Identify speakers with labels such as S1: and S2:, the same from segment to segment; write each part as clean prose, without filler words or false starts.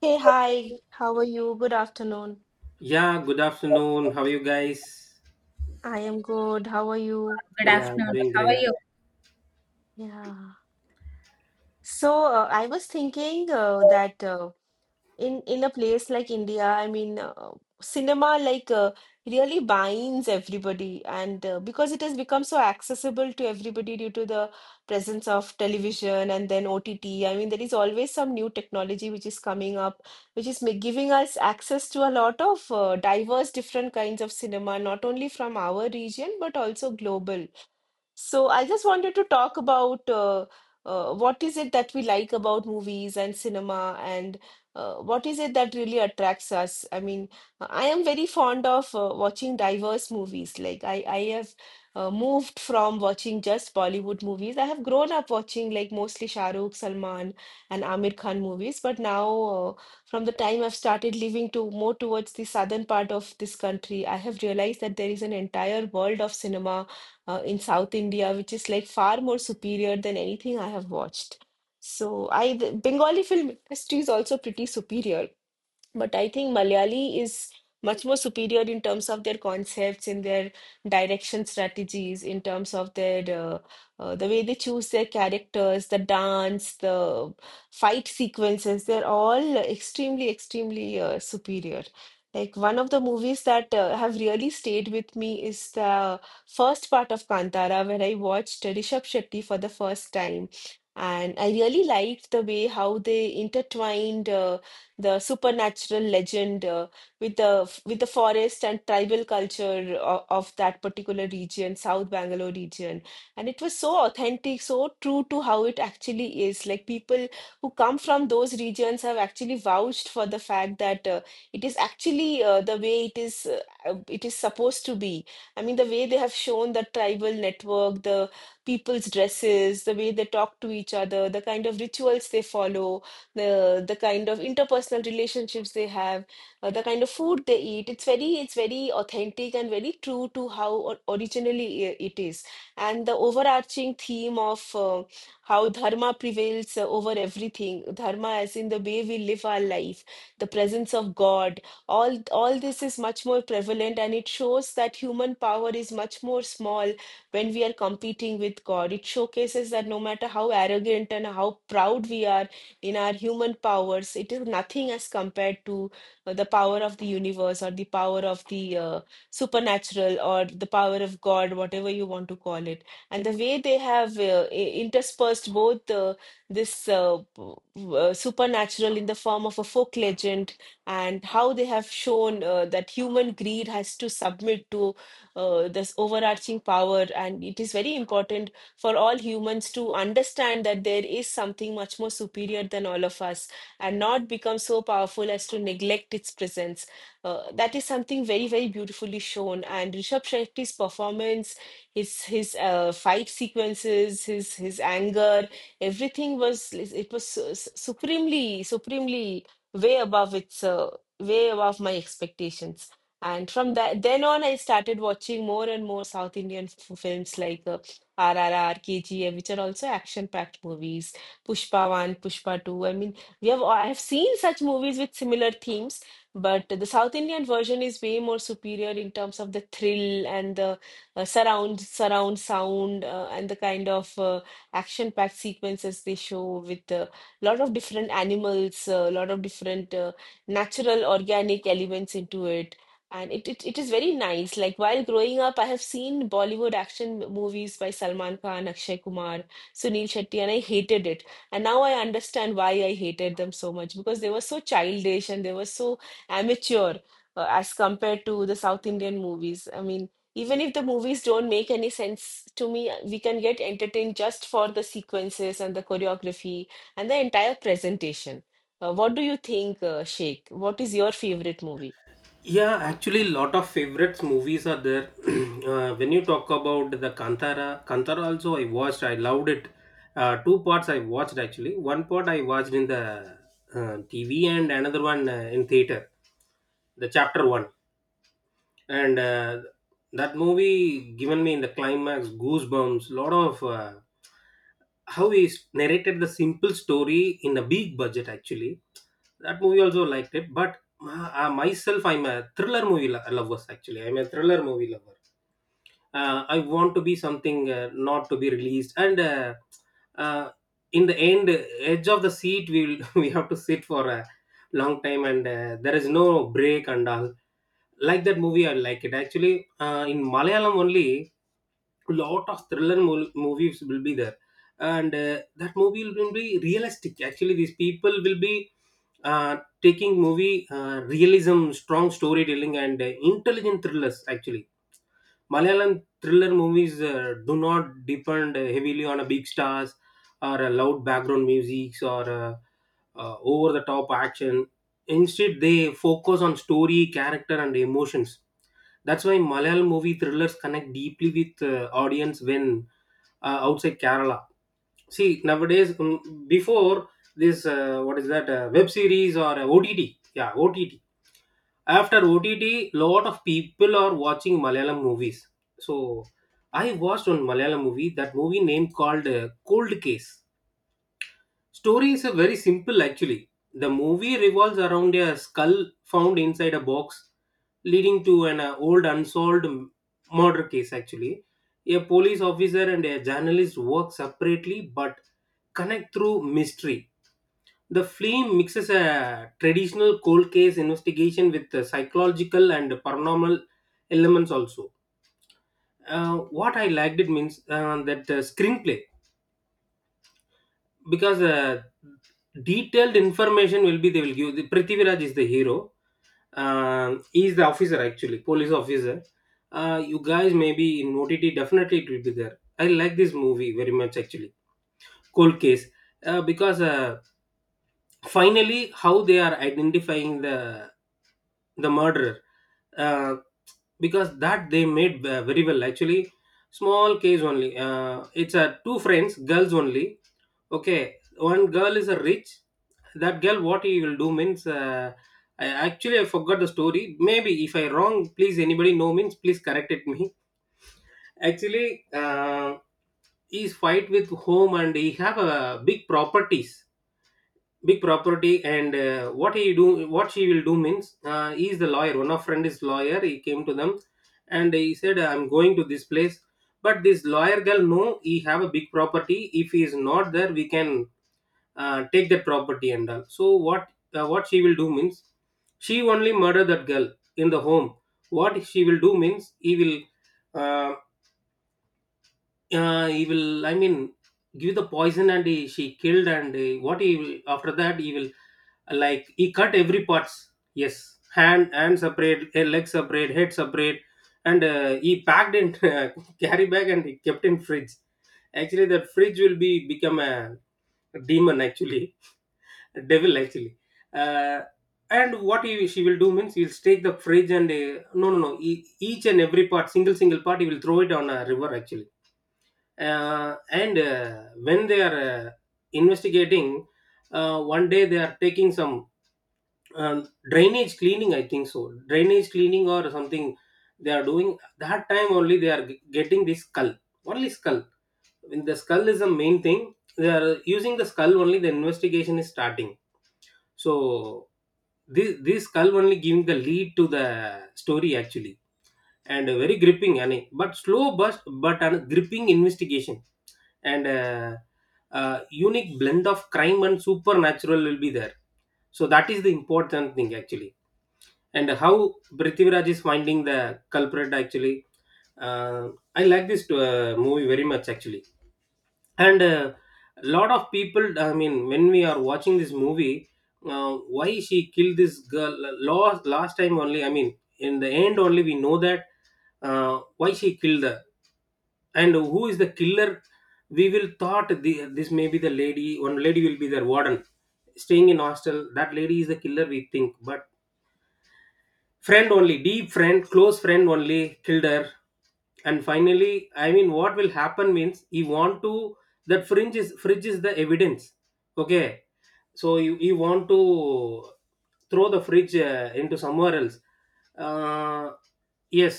S1: Hey, hi. How are you? Good afternoon.
S2: Yeah, good afternoon. How are you guys?
S1: I am good. How are you?
S3: Good
S2: Yeah,
S3: afternoon.
S2: doing
S3: How are
S2: great.
S3: you?
S1: Yeah. So, I was thinking that in a place like India, I mean, cinema like really binds everybody, and because it has become so accessible to everybody due to the presence of television and then OTT. I mean, there is always some new technology which is coming up, which is giving us access to a lot of diverse, different kinds of cinema, not only from our region but also global. So I just wanted to talk about what is it that we like about movies and cinema, and what is it that really attracts us. I mean, I am very fond of watching diverse movies. Like I have moved from watching just Bollywood movies. I have grown up watching like mostly Shah Rukh, Salman, and Amir Khan movies. But now, from the time I've started living to more towards the southern part of this country, I have realized that there is an entire world of cinema in South India, which is like far more superior than anything I have watched. So I the Bengali film industry is also pretty superior, but I think Malayali is much more superior in terms of their concepts, in their direction strategies, in terms of their the way they choose their characters, the dance, the fight sequences. They're all extremely, extremely superior. Like one of the movies that have really stayed with me is the first part of Kantara, where I watched Rishabh Shetty for the first time. And I really liked the way how they intertwined. The supernatural legend with the forest and tribal culture of that particular region, South Bangalore region. And it was so authentic, so true to how it actually is. Like people who come from those regions have actually vouched for the fact that it is actually the way it is, it is supposed to be. I mean, the way they have shown the tribal network, the people's dresses, the way they talk to each other, the kind of rituals they follow, the kind of interpersonal relationships they have, the kind of food they eat. It's very authentic and very true to how or originally it is. And the overarching theme of how dharma prevails over everything, dharma as in the way we live our life, the presence of God, all this is much more prevalent, and it shows that human power is much more small when we are competing with God. It showcases that no matter how arrogant and how proud we are in our human powers, it is nothing as compared to the power of the universe or the power of the supernatural or the power of God, whatever you want to call it. And the way they have interspersed both this uh, p- supernatural in the form of a folk legend, and how they have shown that human greed has to submit to this overarching power. And it is very important for all humans to understand that there is something much more superior than all of us and not become so powerful as to neglect its presence. That is something very, very beautifully shown. And Rishabh Shetty's performance, his fight sequences, his anger, everything was it was supremely, supremely way above its way above my expectations. And from that then on, I started watching more and more South Indian films like RRR, KGF, which are also action-packed movies, Pushpa 1, Pushpa 2. I mean, we have I have seen such movies with similar themes, but the South Indian version is way more superior in terms of the thrill and the surround sound and the kind of action-packed sequences they show with a lot of different animals, a lot of different natural organic elements into it, and it is very nice. Like while growing up, I have seen Bollywood action movies by Salman Khan, Akshay Kumar, Sunil Shetty, and I hated it. And now I understand why I hated them so much because they were so childish and they were so amateur as compared to the South Indian movies. I mean, even if the movies don't make any sense to me, we can get entertained just for the sequences and the choreography and the entire presentation. What do you think, Sheikh? What is your favorite movie?
S2: Yeah, actually, lot of favorites movies are there. When you talk about the Kantara, Kantara also I watched. I loved it. Two parts I watched actually. One part I watched in the TV and another one in theater. The chapter one. And that movie given me in the climax goosebumps lot of how narrated the simple story in a big budget actually that movie also liked it but myself I'm a thriller movie lover actually, I'm a thriller movie lover. I want to be something not to be released and uh, in the end edge of the seat we will we have to sit for a long time, and there is no break and all. Like that movie, I like it. Actually, in Malayalam only, lot of thriller movies will be there, and that movie will be realistic. Actually, these people will be taking movie realism, strong storytelling, and intelligent thrillers. Actually Malayalam thriller movies do not depend heavily on a big stars or a loud background music or over the top action. Instead, they focus on story, character, and emotions. That's why Malayalam movie thrillers connect deeply with audience when outside Kerala. See nowadays, before this, what is that web series or OTT? Yeah, OTT. After OTT, lot of people are watching Malayalam movies. So I watched one Malayalam movie. That movie name called Cold Case. Story is a very simple actually. The movie revolves around a skull found inside a box, leading to an old unsolved murder case. Actually, a police officer and a journalist work separately but connect through mystery. The film mixes a traditional cold case investigation with the psychological and paranormal elements also. What I liked it means that the screenplay, because detailed information will be they will give. The Prithviraj is the hero. He is the officer actually, police officer. You guys maybe in OTT definitely it will be there. I like this movie very much actually. Cold case, because. Finally how they are identifying the murderer, uh, because that they made very well actually. Small case only, it's a two friends girls only. Okay, one girl is a rich, that girl, what he will do means, I, actually I forgot the story, maybe if I wrong please anybody know means please correct it me. Actually, he's fight with home and he have a big properties, big property, and what he do, what she will do means, he is the lawyer, one of friend is lawyer, he came to them and he said I'm going to this place. But this lawyer girl, no, he have a big property, if he is not there we can take that property and all. So what she will do means, she only murder that girl in the home. What she will do means, uh, he will, I mean, give the poison and he, she killed. And what he will, after that he will, like, he cut every parts. Yes, hand, hand separate, eh, leg separate, head separate, and he packed in carry bag and he kept in fridge. Actually that fridge will be become a demon actually, a devil actually. uh, and what he, she will do means, he will take the fridge, and no no no, each and every part, single single part, he will throw it on a river actually. And When they are investigating, one day they are taking some, um, drainage cleaning I think so, drainage cleaning or something they are doing, that time only they are getting this skull, only skull. When the skull is the main thing, they are using the skull only, the investigation is starting. So this skull only giving the lead to the story actually. And very gripping and but slow but an gripping investigation, And unique blend of crime and supernatural will be there. So that is the important thing actually, and how Prithviraj is finding the culprit actually. Uh, I like this movie very much actually. And a lot of people, I mean, when we are watching this movie, why she killed this girl, last time only, I mean in the end only we know that why she killed her and who is the killer. We will thought the, this may be the lady, one lady will be their warden staying in hostel, that lady is the killer we think, but friend only, deep friend, close friend only killed her. And finally, I mean, what will happen means, he want to, that fringe is, fridge is the evidence, okay? So you want to throw the fridge into somewhere else. uh, yes,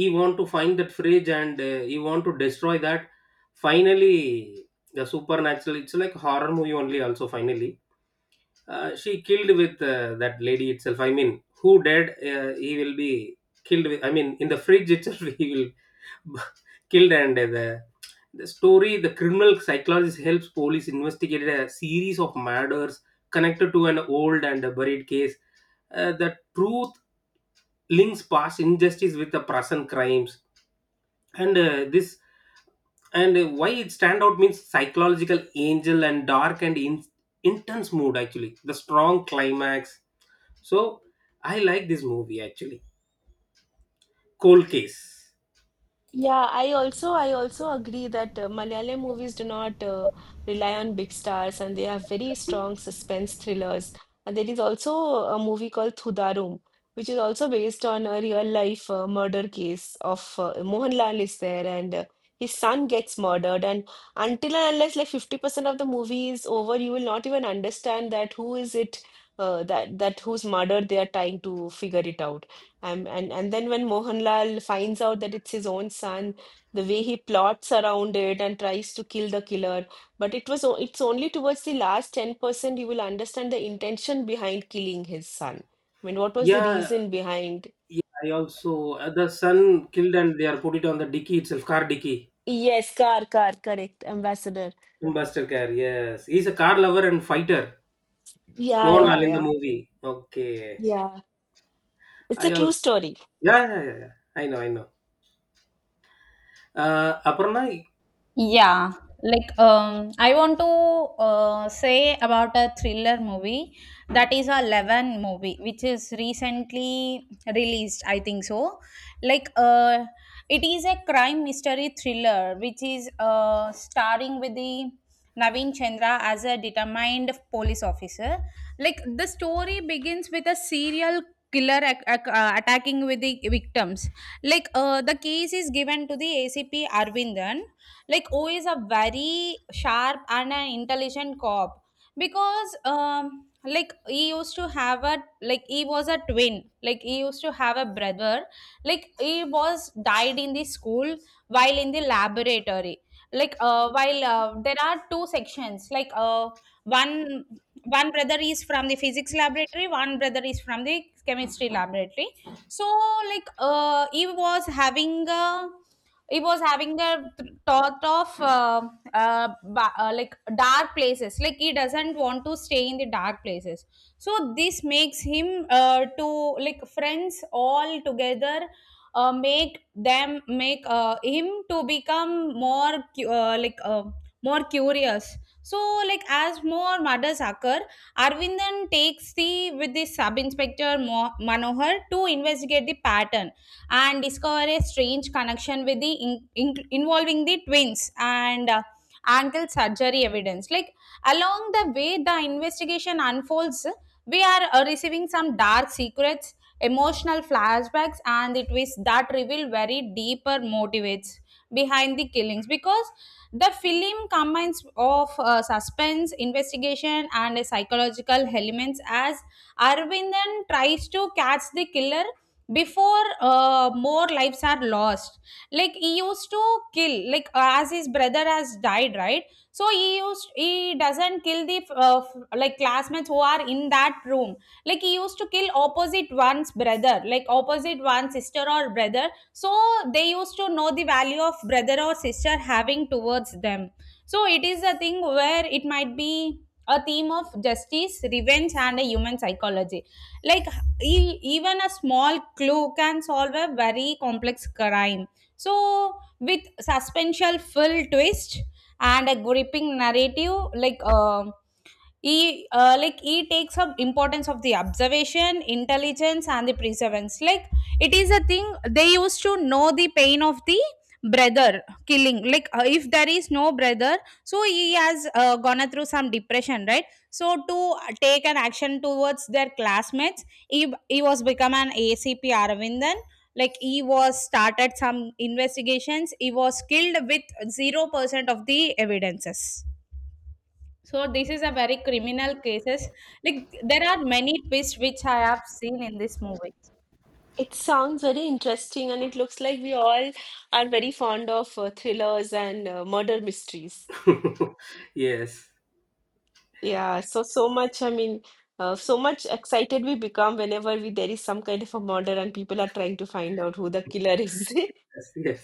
S2: he want to find that fridge and he want to destroy that finally. The supernatural, it's like horror movie only also, finally she killed with that lady itself, I mean, who dead, he will be killed with, I mean, in the fridge itself. He will b- killed. And the story, the criminal psychologist helps police investigate a series of murders connected to an old and buried case. Uh, the truth links past injustice with the present crimes. And uh, this and uh, why it stand out means, psychological angel and dark and intense mood actually, the strong climax. So I like this movie actually, Cold Case.
S1: Yeah, I also agree that Malayalam movies do not rely on big stars, and they have very strong suspense thrillers. And there is also a movie called Thudarum, which is also based on a real life murder case of Mohanlal is there, and his son gets murdered. And until and unless like 50% of the movie is over, you will not even understand that who is it that whose murder they are trying to figure it out. And then when Mohanlal finds out that it's his own son, the way he plots around it and tries to kill the killer, but it's only towards the last 10% you will understand the intention behind killing his son. I mean, what was the
S2: Yeah,
S1: reason behind?
S2: yeah, I also the son killed and they are put it on the dicky itself, car dicky,
S1: Yes, Car, Car, correct, Ambassador.
S2: in buster car. Yes, he's a car lover and fighter.
S1: Yeah, yeah,
S2: Moral in the
S1: yeah,
S2: movie, okay.
S1: yeah. It's a
S2: I
S1: true
S2: also,
S1: story.
S2: yeah yeah yeah, yeah. I know, I know, Aparna.
S3: Yeah, I want to say about a thriller movie that is a 11 movie, which is recently released. I think so. Like uh, it is a crime mystery thriller, which is starring with the Naveen Chandra as a determined police officer. Like the story begins with a serial killer attacking with the victims. The case is given to the ACP Arvindan, like o is a very sharp and an intelligent cop because like he used to have a, like he was a twin, like he used to have a brother, like he was died in the school while in the laboratory. Like while there are two sections, one one brother is from the physics laboratory, one brother is from the chemistry laboratory. So he was having a, it was having the thought of like dark places, like he doesn't want to stay in the dark places. So this makes him to like friends all together, make them make him to become more curious. So like as more murders occur, Arvindan takes the, with the sub inspector Manohar, to investigate the pattern and discover a strange connection with the involving the twins and ankle surgery evidence. Like along the way, the investigation unfolds. We are receiving some dark secrets, emotional flashbacks, and the twists that reveal very deeper motivates behind the killings, because the film combines of suspense investigation and psychological elements as Arvindan tries to catch the killer before more lives are lost. Like he used to kill, as his brother has died, right? So he doesn't kill the like classmates who are in that room. Like he used to kill opposite one's brother, like opposite one sister or brother, so they used to know the value of brother or sister having towards them. So it is a thing where it might be a theme of justice, revenge, and a human psychology. Like even a small clue can solve a very complex crime. So with suspenseful full twist and a gripping narrative, like e like e takes up importance of the observation intelligence and the perseverance. Like it is a thing, they used to know the pain of the brother killing, if there is no brother. So he has gone through some depression, right? So to take an action towards their classmates, he was become an ACP Aravindan. Like he was started some investigations, he was killed with 0% of the evidences. So this is a very criminal cases. Like there are many twists which I have seen in this movie.
S1: It sounds very interesting, and it looks like we all are very fond of thrillers and murder mysteries.
S2: Yes.
S1: Yeah, so so much, I mean, so much excited we become whenever we there is some kind of a murder and people are trying to find out who the killer is.
S2: Yes. Yes.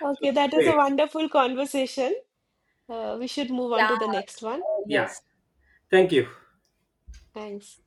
S1: Okay, that was
S2: Okay.
S1: a wonderful conversation. We should move
S3: Yeah,
S1: on to the next one.
S2: Yeah.
S3: yes.
S2: Thank you.
S1: Thanks.